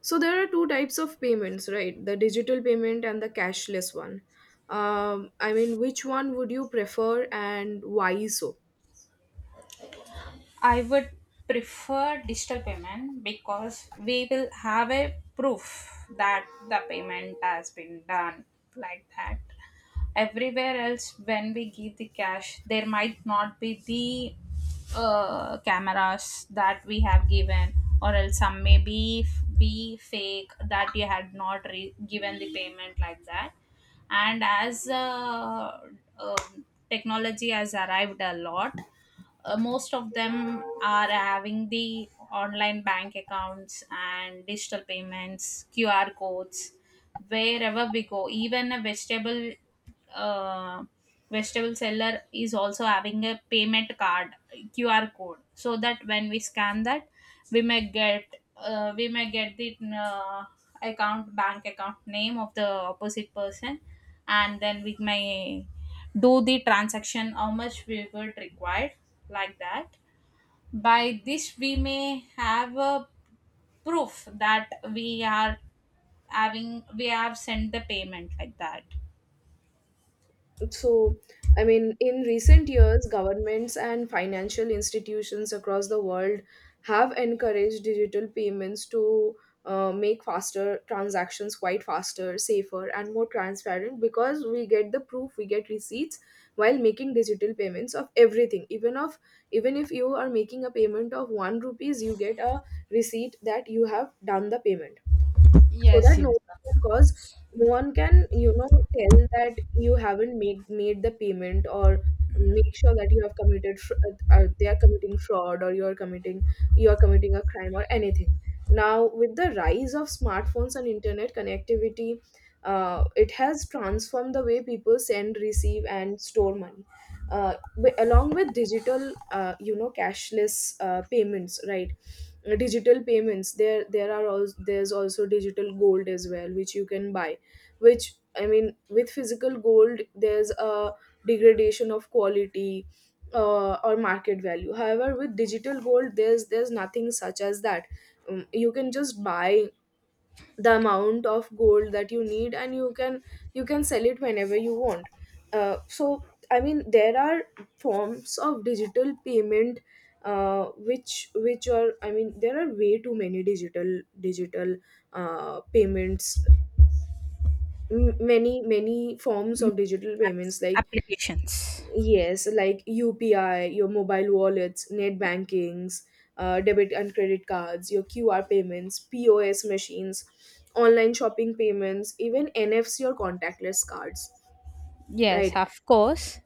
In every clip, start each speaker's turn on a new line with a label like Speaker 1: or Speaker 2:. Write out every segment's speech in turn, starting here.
Speaker 1: So there are two types of payments, right? The digital payment and the cashless one. I mean, which one would you prefer and why so?
Speaker 2: I would prefer digital payment because we will have a proof that the payment has been done like that. Everywhere else, when we give the cash, there might not be the cameras that we have given, or else some may be fake that you had not given the payment like that. And as um, technology has arrived a lot. Most of them are having the online bank accounts and digital payments qr codes wherever we go, even a vegetable uh, vegetable seller is also having a payment card, qr code, so that when we scan that we may get the account, bank account name of the opposite person, and then we may do the transaction how much we would require, like that. By this we may have a proof that we are having we have sent the payment like that.
Speaker 1: So I mean, in recent years governments and financial institutions across the world have encouraged digital payments to make faster transactions, quite faster, safer and more transparent, because we get the proof, we get receipts while making digital payments of everything, even of even if you are making a payment of 1 rupee rupees you get a receipt that you have done the payment, so
Speaker 2: Yes,
Speaker 1: that no
Speaker 2: yes.
Speaker 1: one can cause no one can tell that you haven't made the payment or make sure that you have committed they are committing fraud, or you are committing a crime or anything. Now with the rise of smartphones and internet connectivity, it has transformed the way people send, receive and store money. Along with digital, cashless payments, right, digital payments, there are also, there's also digital gold as well which you can buy, which, I mean, with physical gold there's a degradation of quality, or market value, however with digital gold there's nothing such as that. You can just buy the amount of gold that you need and you can sell it whenever you want. So I mean there are forms of digital payment, which are, I mean, there are way too many digital payments, many forms of digital payments
Speaker 2: Apps-
Speaker 1: like
Speaker 2: applications.
Speaker 1: Yes, like UPI, your mobile wallets, net bankings, debit and credit cards, your QR payments, POS machines, online shopping payments, even NFC or contactless cards.
Speaker 2: Yes,
Speaker 1: Right.
Speaker 2: of course.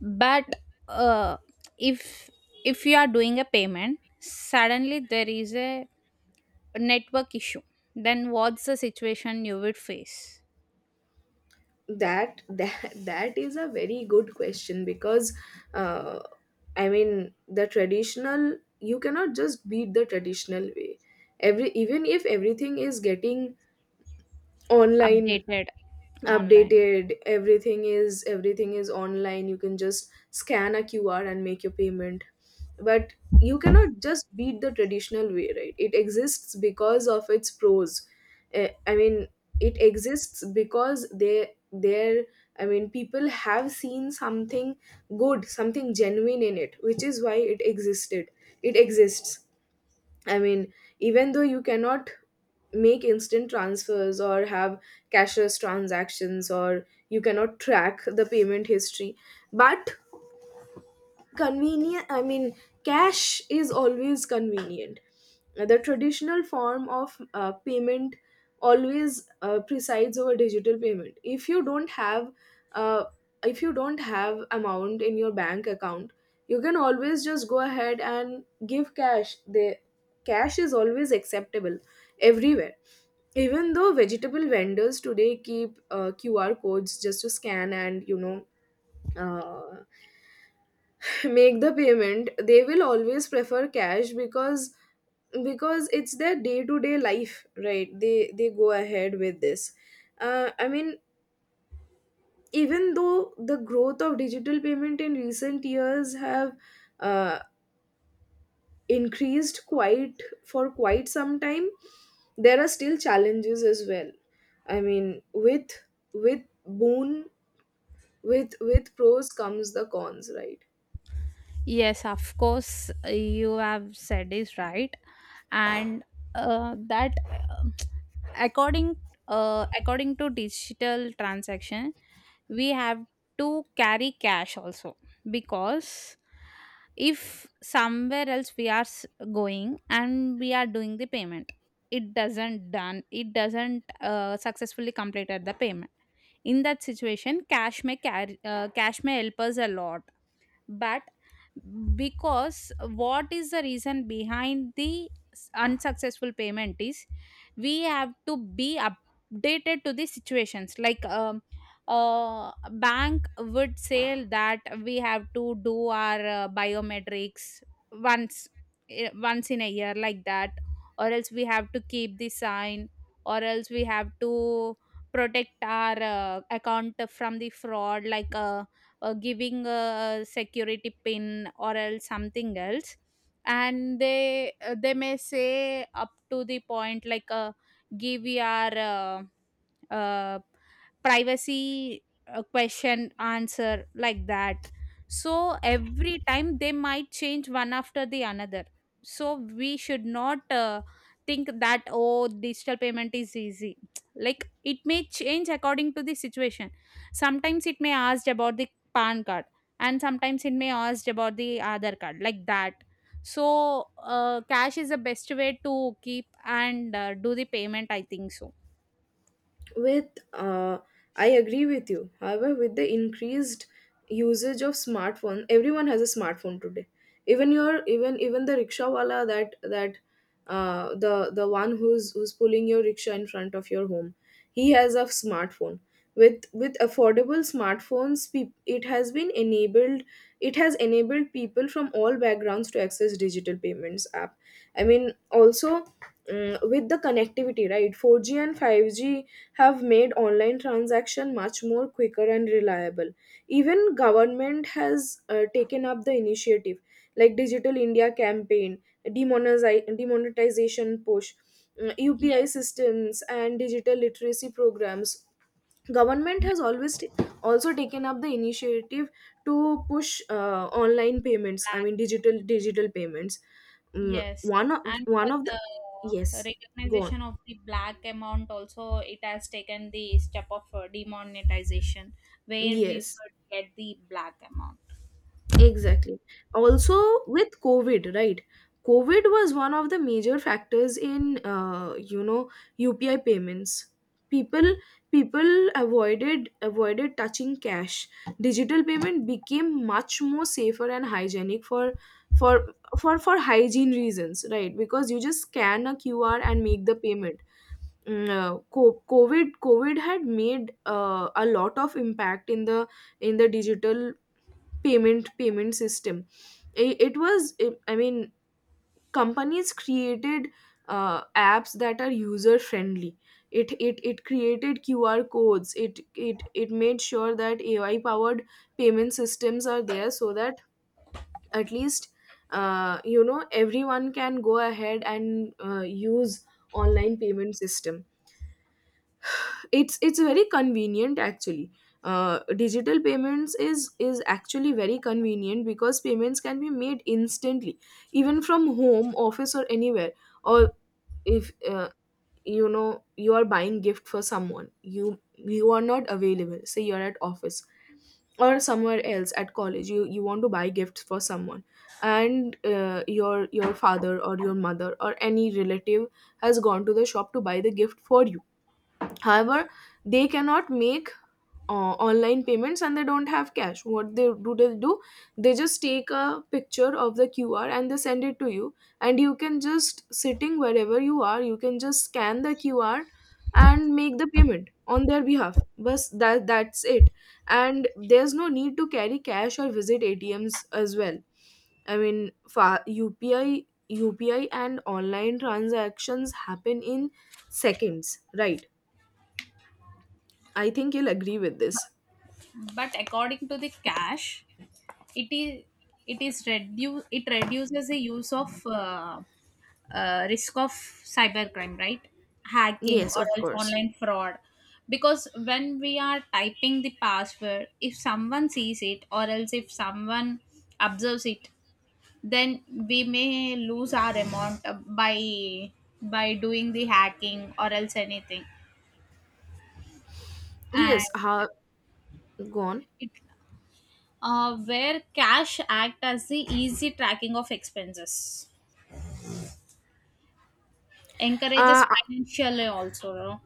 Speaker 2: But uh, if if you are doing a payment, suddenly there is a network issue. Then what's the situation you would face?
Speaker 1: That that is a very good question because, uh, I mean, the traditional, you cannot just beat the traditional way. Every, even if everything is getting online,
Speaker 2: Updated online.
Speaker 1: updated, everything is online, you can just scan a qr and make your payment, but you cannot just beat the traditional way, right, it exists because of its pros. I mean it exists because they there, I mean, people have seen something good, something genuine in it, which is why it existed, it exists. I mean, even though you cannot make instant transfers or have cashless transactions, or you cannot track the payment history, but convenient, I mean, cash is always convenient. The traditional form of payment always presides over digital payment. If you don't have uh, if you don't have amount in your bank account, you can always just go ahead and give cash. The cash is always acceptable everywhere, even though vegetable vendors today keep qr codes just to scan and uh, make the payment, they will always prefer cash because it's their day to day life, right, they go ahead with this. I mean, even though the growth of digital payment in recent years have uh, increased quite for quite some time, there are still challenges as well. I mean with boon, with pros comes the cons, right?
Speaker 2: Yes, of course, you have said is right, and that um, according according to digital transaction, we have to carry cash also, because if somewhere else we are going and we are doing the payment, it doesn't successfully completed the payment. In that situation, cash may help us a lot. But because what is the reason behind the unsuccessful payment is we have to be updated to the situations. Like bank would say that we have to do our biometrics once, once in a year, like that, or else we have to keep the sign, or else we have to protect our account from the fraud, like giving a security pin or else something else. And they may say up to the point, like a give your uh, uh, privacy question answer, like that. So every time they might change one after the another, so we should not think that, oh, digital payment is easy. Like, it may change according to the situation. Sometimes it may ask about the pan card and sometimes it may ask about the other card, like that. So, cash is the best way to keep and do the payment, I think so.
Speaker 1: with uh, I agree with you, however with the increased usage of smartphone everyone has a smartphone today, even your even even the rickshaw wala, that that the one who's who's pulling your rickshaw in front of your home, he has a smartphone. With affordable smartphones it has been enabled, it has enabled people from all backgrounds to access digital payments app. I mean also, with the connectivity, right, 4G and 5G have made online transaction much more quicker and reliable. Even government has taken up the initiative like digital india campaign, demonetization push, upi
Speaker 2: Yes,
Speaker 1: systems and digital literacy programs. Government has always also taken up the initiative to push online payments, I
Speaker 2: black.
Speaker 1: mean digital digital payments. Mm,
Speaker 2: Yes.
Speaker 1: One of
Speaker 2: And for
Speaker 1: one of the yes,
Speaker 2: the
Speaker 1: go
Speaker 2: recognition of the black amount, also it has taken the step of demonetization,
Speaker 1: on,
Speaker 2: where we
Speaker 1: yes.
Speaker 2: could get the black amount.
Speaker 1: Exactly. Also, with COVID, right? COVID was one of the major factors in, UPI payments. People people avoided touching cash. Digital payment became much more safer and hygienic for for hygiene reasons, right? Because you just scan a QR and make the payment. COVID COVID had made a lot of impact in the digital payment payment system. It, was I mean companies created apps that are user friendly, it created qr codes, it made sure that ai powered payment systems are there, so that at least everyone can go ahead and use online payment system. It's very convenient actually. Digital payments is actually very convenient because payments can be made instantly, even from home, office or anywhere, or if you are buying gift for someone, you are not available, say you're at office or somewhere else at college, you want to buy gifts for someone, and your father or your mother or any relative has gone to the shop to buy the gift for you, however they cannot make online payments and they don't have cash, what they do they do, they just take a picture of the qr and they send it to you, and you can just sitting wherever you are you can just scan the qr and make the payment on their behalf. Bas that that's it. And there's no need to carry cash or visit atms as well. I mean fa- upi upi and online transactions happen in seconds, right? I think you'll agree with this.
Speaker 2: But according to the cash, it is, it is reduce it reduces the use of risk of cybercrime, right? Hacking
Speaker 1: Yes,
Speaker 2: or
Speaker 1: of
Speaker 2: else
Speaker 1: course.
Speaker 2: online fraud. Because when we are typing the password, if someone sees it or else if someone observes it, then we may lose our amount by doing the hacking or else anything. And
Speaker 1: Yes, go on.
Speaker 2: it where cash act as the easy tracking of expenses, encourages
Speaker 1: Uh,
Speaker 2: financially also, you know.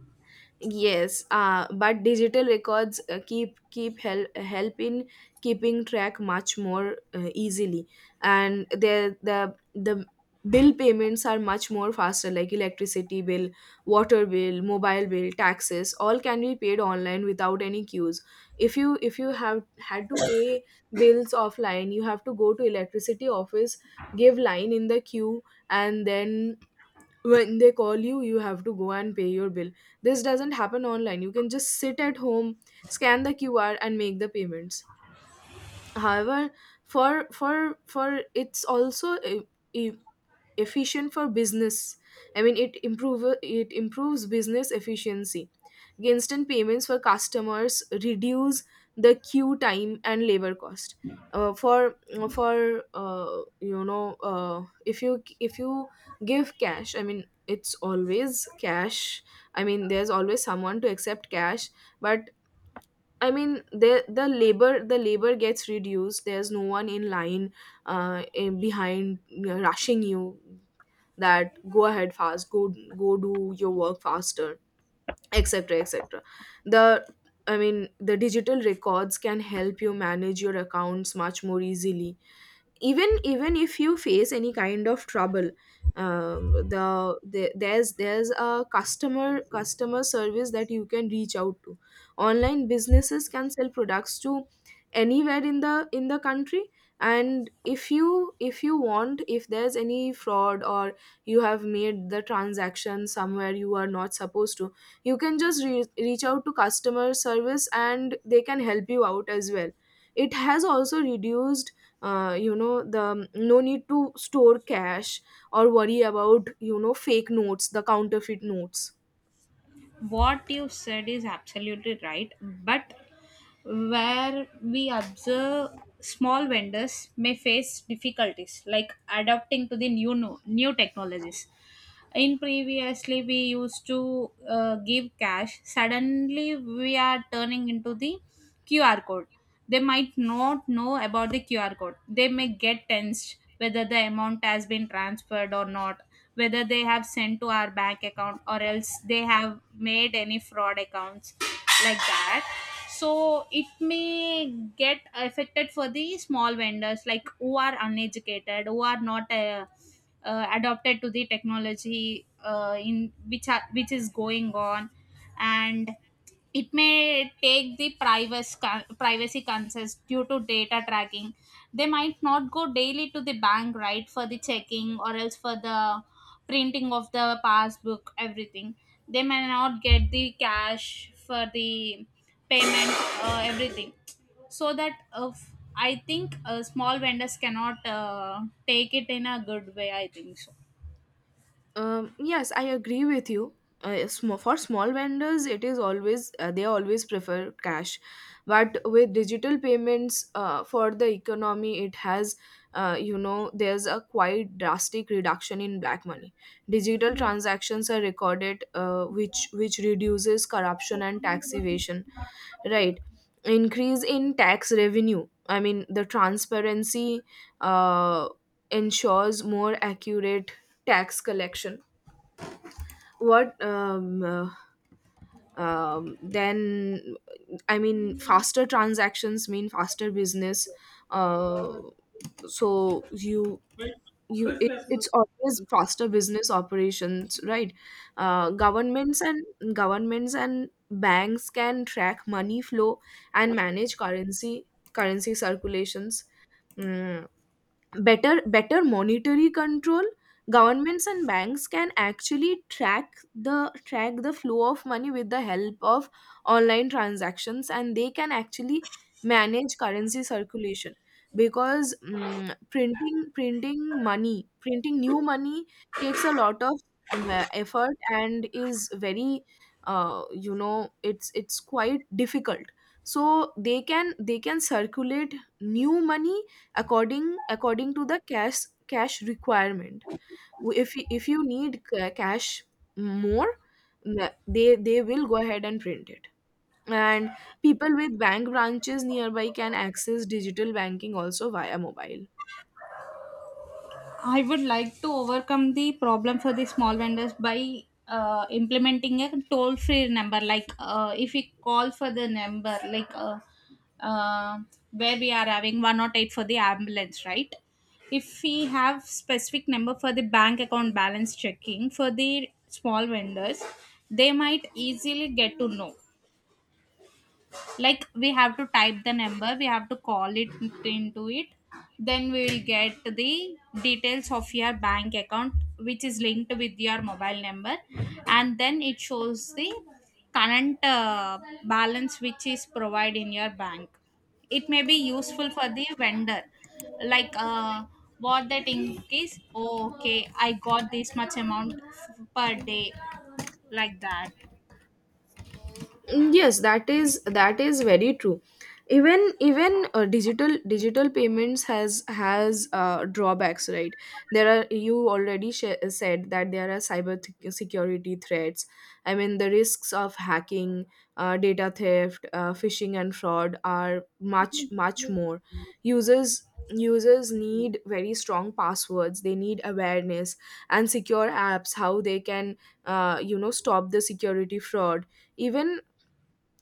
Speaker 1: yes, but digital records keep help in keeping track much more easily, and the bill payments are much more faster. Like electricity bill, water bill, mobile bill, taxes, all can be paid online without any queues. If you have had to pay bills offline, you have to go to electricity office, give line in the queue, and then when they call you you have to go and pay your bill, this doesn't happen online, you can just sit at home, scan the qr and make the payments. However, for it's also uh, efficient for business, I mean it improve it improves business efficiency, instant payments for customers reduce the queue time and labor cost. uh, for for if you give cash, I mean it's always cash, I mean there's always someone to accept cash, but I mean the labor gets reduced, there's no one in line, behind, you know, rushing you, that go ahead fast, go go do your work faster, etc etc. The I mean the digital records can help you manage your accounts much more easily, even even if you face any kind of trouble. The there's a customer customer service that you can reach out to. Online businesses can sell products to anywhere in the country, and if you want, if there's any fraud or you have made the transaction somewhere you are not supposed to, you can just reach out to customer service and they can help you out as well. It has also reduced the, no need to store cash or worry about, you know, fake notes, the counterfeit notes.
Speaker 2: What you said is absolutely right, but where we observe small vendors may face difficulties like adapting to the new no- new technologies. In previously we used to give cash, suddenly we are turning into the qr code. They might not know about the qr code, they may get tensed whether the amount has been transferred or not, whether they have sent to our bank account or else they have made any fraud accounts, like that. So it may get affected for the small vendors, like who are uneducated, who are not adopted to the technology which is going on. And it may take the privacy concerns due to data tracking. They might not go daily to the bank, right, for the checking or else for the printing of the passbook, everything. They may not get the cash for the payment, everything. So that I think small vendors cannot take it in a good way, I think so.
Speaker 1: Yes, I agree with you. Yes, for small vendors it is always they always prefer cash, but with digital payments, for the economy, it has there's a quite drastic reduction in black money. Digital transactions are recorded, which reduces corruption and tax evasion, right, increase in tax revenue. I mean the transparency uh, ensures more accurate tax collection. What Then I mean faster transactions mean faster business, uh, so you you it's always faster business operations, right? Governments and governments and banks can track money flow and manage currency currency circulations. Mm, Better better monetary control. Governments and banks can actually track the flow of money with the help of online transactions, and they can actually manage currency circulation, because printing printing money, printing new money takes a lot of effort and is very it's quite difficult. So they can circulate new money according according to the cash cash requirement. If you need cash more, they will go ahead and print it. And people with bank branches nearby can access digital banking also via mobile.
Speaker 2: I would like to overcome the problem for the small vendors by implementing a toll free number. Like if we call for the number, like uh, where we are having 108 for the ambulance, right? If we have specific number for the bank account balance checking for the small vendors, they might easily get to know. Like, we have to type the number, we have to call it into it, then we will get the details of your bank account which is linked with your mobile number, and then it shows the current balance which is provided in your bank. It may be useful for the vendor, like what they think is, oh, okay, I got this much amount per day, like that.
Speaker 1: Yes, that is very true. Even even digital digital payments has drawbacks, right? There are, you already said that there are cyber security threats, I mean the risks of hacking, Data theft, phishing and fraud are much more. Users users need very strong passwords. They need awareness and secure apps how they can stop the security fraud. even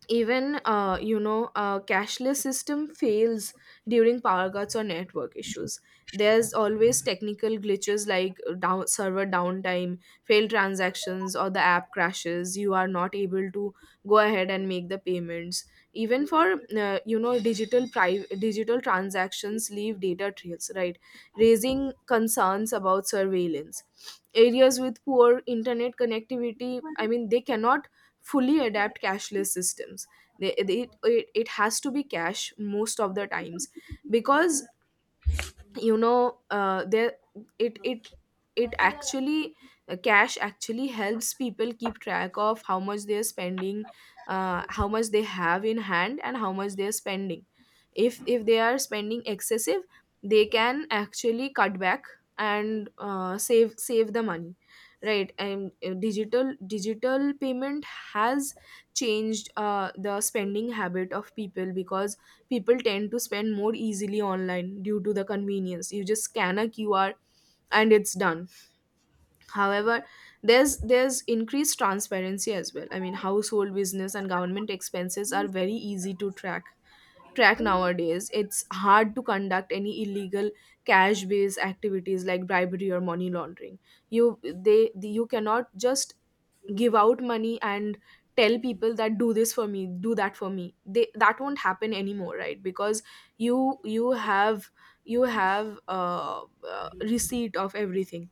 Speaker 1: even uh, you know a cashless system fails during power cuts or network issues. There's always technical glitches like down server downtime, failed transactions, or the app crashes. You are not able to go ahead and make the payments. Even for digital transactions leave data trails, right? Raising concerns about surveillance. Areas with poor internet connectivity, I mean, they cannot fully adapt cashless systems. It has to be cash most of the times. Because you know there it it it actually cash actually helps people keep track of how much they're spending, how much they have in hand and how much they're spending. If they are spending excessive, they can actually cut back and save the money, right? And digital payment has changed the spending habit of people, because people tend to spend more easily online due to the convenience. You just scan a QR and it's done. However, there's increased transparency as well. I mean, household business and government expenses are very easy to track nowadays. It's hard to conduct any illegal cash based activities like bribery or money laundering. You cannot just give out money and tell people that do this for me, do that for me. They That won't happen anymore, right? Because you you have you have a receipt of everything.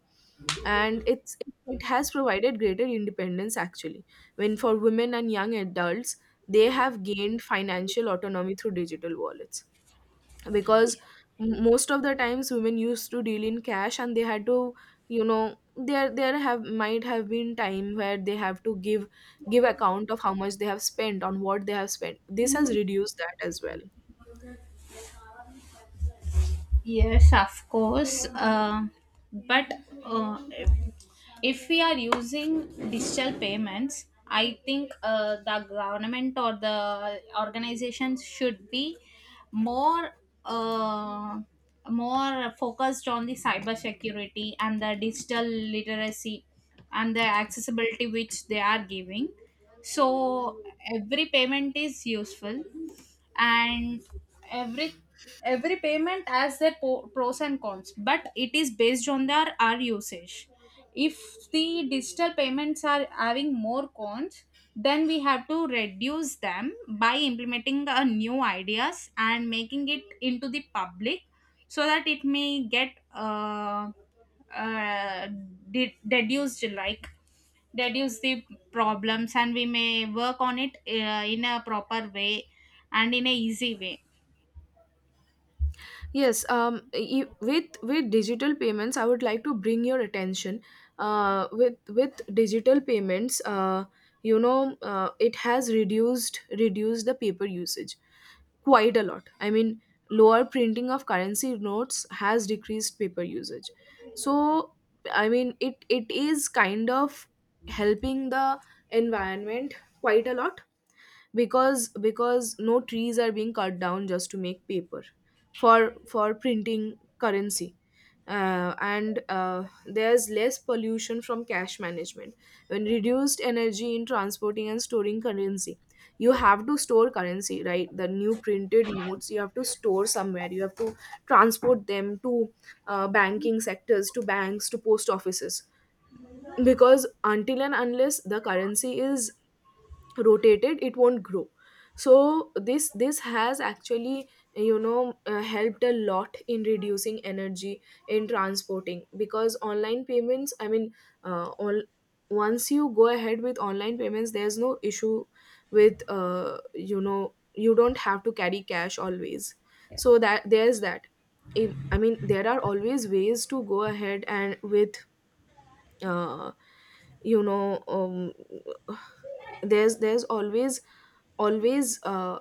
Speaker 1: And it has provided greater independence, actually, when for women and young adults. They have gained financial autonomy through digital wallets, because most of the times women used to deal in cash and they had to, there there have might have been time where they have to give account of how much they have spent on what they have spent. This has reduced that as well.
Speaker 2: Yes, of course. But uh, if, if we are using digital payments, I think the government or the organizations should be more uh, more focused on the cyber security and the digital literacy and the accessibility which they are giving. So every payment is useful, and every every payment has their pros and cons, but it is based on their our usage. If the digital payments are having more cons, then we have to reduce them by implementing a new ideas and making it into the public, so that it may get uh, deduced, like reduce the problems, and we may work on it in a proper way and in a easy way.
Speaker 1: Yes, with digital payments I would like to bring your attention. With digital payments, it has reduced the paper usage quite a lot. I mean, lower printing of currency notes has decreased paper usage. So, I mean, it is kind of helping the environment quite a lot, because no trees are being cut down just to make paper for printing currency. And there's less pollution from cash management, when reduced energy in transporting and storing currency. You have to store currency, right? The new printed notes you have to store somewhere. You have to transport them to banking sectors, to banks, to post offices, because until and unless the currency is rotated, it won't grow. So this has actually helped a lot in reducing energy in transporting, because online payments, I mean, all once you go ahead with online payments there's no issue with you don't have to carry cash always, so that there's that. I mean, there are always ways to go ahead and with uh, you know um, there's always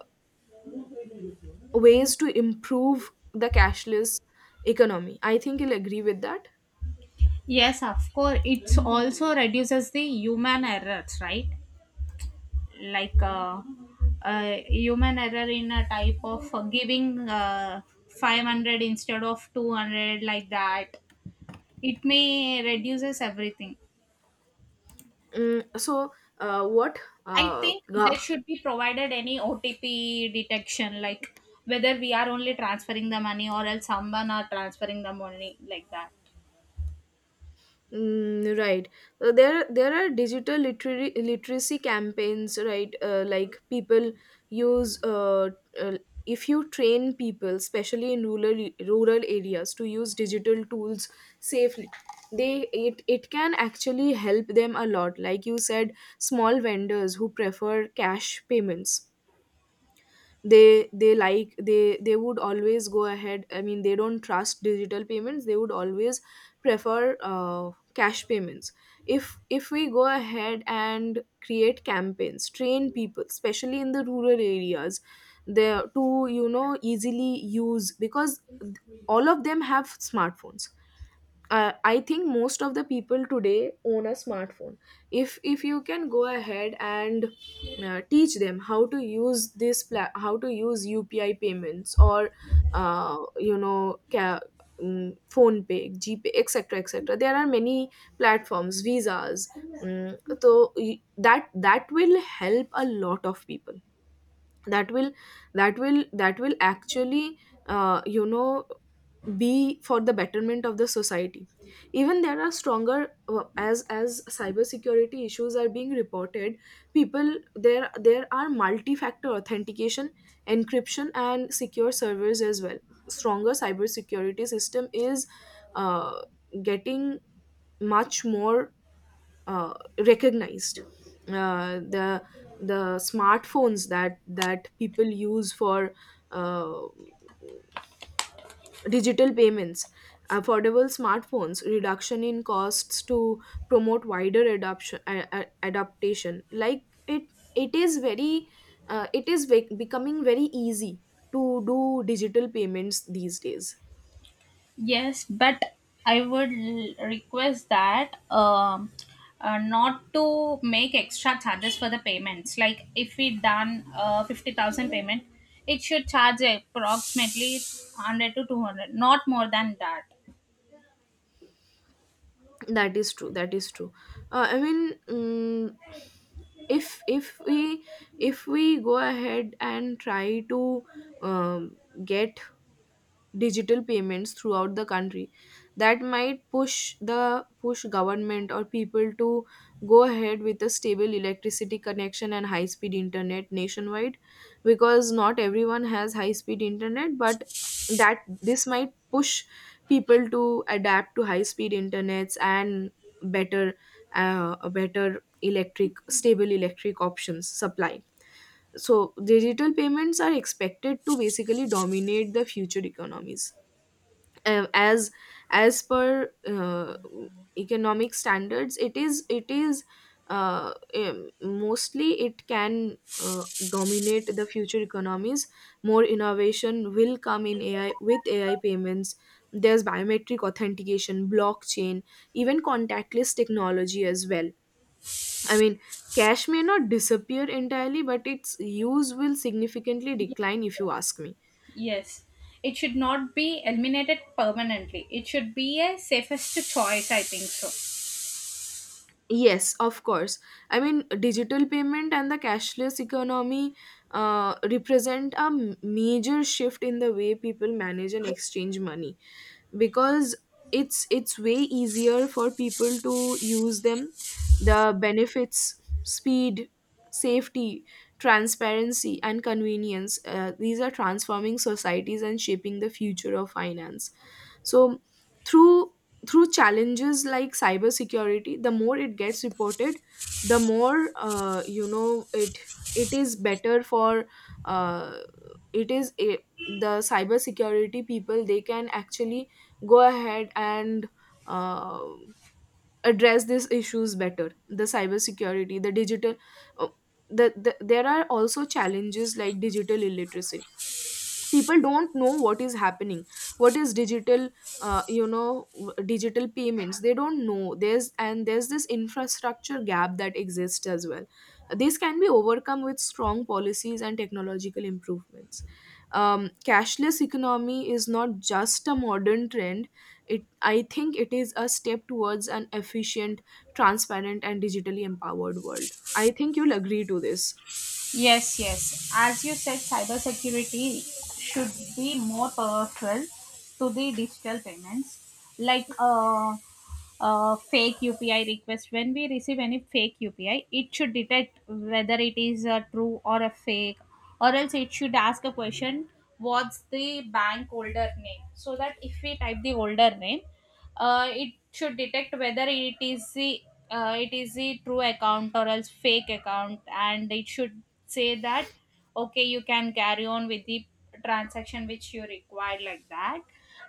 Speaker 1: ways to improve the cashless economy, I think you'll agree with that.
Speaker 2: Yes, of course, it also reduces the human errors, right? Like human error in a type of giving 500 instead of 200, like that. It may reduces everything.
Speaker 1: Mm, so uh, what
Speaker 2: I
Speaker 1: uh,
Speaker 2: think
Speaker 1: go-
Speaker 2: there should be provided any OTP detection, like whether we are only transferring the money or else someone are transferring the money, like that.
Speaker 1: Mm, right. There are digital literacy campaigns, right? Like people use, uh, uh, if you train people, especially in rural areas, to use digital tools safely, they it can actually help them a lot. Like you said, small vendors who prefer cash payments, they like they would always go ahead. I mean they don't trust digital payments, they would always prefer cash payments. If we go ahead and create campaigns, train people especially in the rural areas there to easily use, because all of them have smartphones. I think most of the people today own a smartphone. If you can go ahead and teach them how to how to use UPI payments or uh, you know ca- phone pay, GPay, etc., etc. There are many platforms, visas. So that will help a lot of people. that will that will actually uh, you know be for the betterment of the society. Even there are stronger, as cybersecurity issues are being reported, people, there are multi-factor authentication, encryption, and secure servers as well. Stronger cybersecurity system is uh, getting much more, uh, recognized. Uh, the the smartphones that people use for uh, digital payments, affordable smartphones, reduction in costs to promote wider adaptation. Like it is very it is becoming very easy to do digital payments these days.
Speaker 2: Yes, but I would request that not to make extra charges for the payments. Like if we done 50,000 payment, it should charge approximately 100 to 200, not more than that.
Speaker 1: That is true, that is true. I mean, if if we if we go ahead and try to um, get digital payments throughout the country, that might push government or people to go ahead with a stable electricity connection and high speed internet nationwide, because not everyone has high speed internet, but that this might push people to adapt to high speed internets and better, a better electric stable electric options supply. So digital payments are expected to basically dominate the future economies. um, as as per economic standards, it is mostly it can dominate the future economies. More innovation will come in AI, with AI payments there's biometric authentication, blockchain, even contactless technology as well. I mean, cash may not disappear entirely, but its use will significantly decline if you ask me.
Speaker 2: Yes, it should not be eliminated permanently. It should be a safest choice, I think so.
Speaker 1: Yes, of course. I mean, digital payment and the cashless economy, represent a major shift in the way people manage and exchange money, because it's way easier for people to use them. The benefits, speed, safety, transparency, and convenience, these are transforming societies and shaping the future of finance. So through through challenges like cybersecurity, the more it gets reported, the more it is better for uh, it is a, the cybersecurity people, they can actually go ahead and uh, address these issues better. The cybersecurity, the digital. Uh, there are also challenges like digital illiteracy. People don't know what is happening, what is digital, digital payments they don't know, there's this infrastructure gap that exists as well. This can be overcome with strong policies and technological improvements. Cashless economy is not just a modern trend, it I think it is a step towards an efficient, transparent, and digitally empowered world. I think you'll agree to this.
Speaker 2: Yes, yes. As you said, cybersecurity should be more powerful to the digital payments, like fake UPI request. When we receive any fake UPI, it should detect whether it is a true or a fake, or else it should ask a question: what's the bank holder name? So that if we type the holder name, it should detect whether it is the true account or else fake account. And it should say that, okay, you can carry on with the transaction which you require, like that.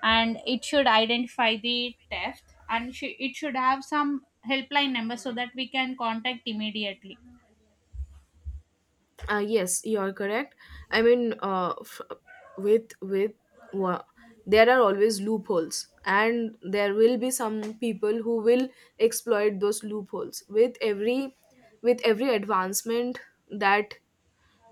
Speaker 2: And it should identify the theft and it should have some helpline number so that we can contact immediately.
Speaker 1: Yes, you are correct. I mean, with wha- there are always loopholes, and there will be some people who will exploit those loopholes, with every advancement that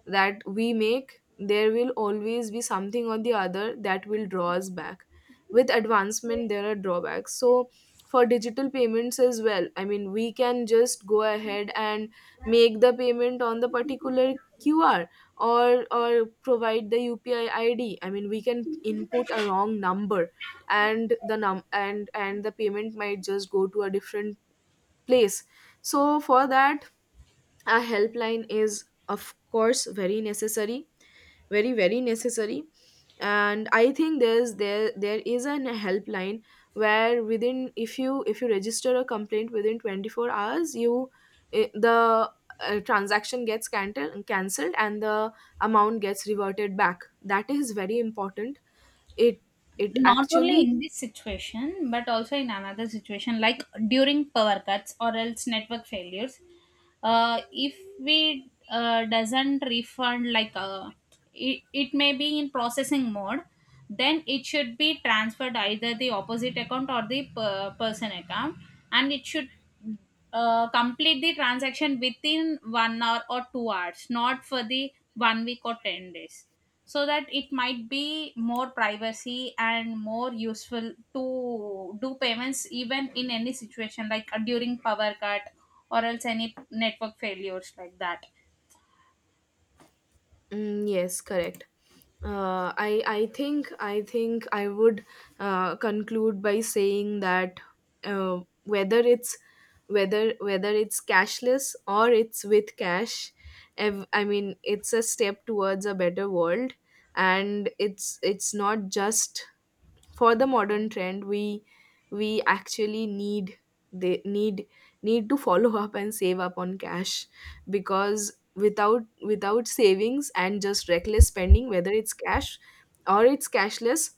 Speaker 1: that we make. There will always be something or the other that will draw us back. With advancement, there are drawbacks. So, for digital payments as well, I mean, we can just go ahead and make the payment on the particular QR, or provide the UPI ID. I D. I mean, we can input a wrong number, and the num and the payment might just go to a different place. So for that, a helpline is of course very necessary, very, very necessary. And I think there is an helpline where within, if you register a complaint within 24 hours, you the transaction gets cancelled and the amount gets reverted back. That is very important. it it
Speaker 2: Not only
Speaker 1: actually
Speaker 2: in this situation but also in another situation, like during power cuts or else network failures. If we doesn't refund, like it, it may be in processing mode, then it should be transferred either the opposite account or the person account, and it should complete the transaction within 1 hour or 2 hours, not for the one week or 10 days. So that it might be more privacy and more useful to do payments even in any situation, like during power cut or else any network failures, like that.
Speaker 1: Mm, yes, correct. I think I would conclude by saying that, uh, whether it's whether it's cashless or it's with cash, I mean it's a step towards a better world, and it's not just for the modern trend. We actually need They need to follow up and save up on cash, because without without savings and just reckless spending, whether it's cash or it's cashless,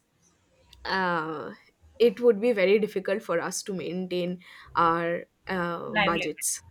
Speaker 1: uh, it would be very difficult for us to maintain our uh,
Speaker 2: Livelihood.
Speaker 1: budgets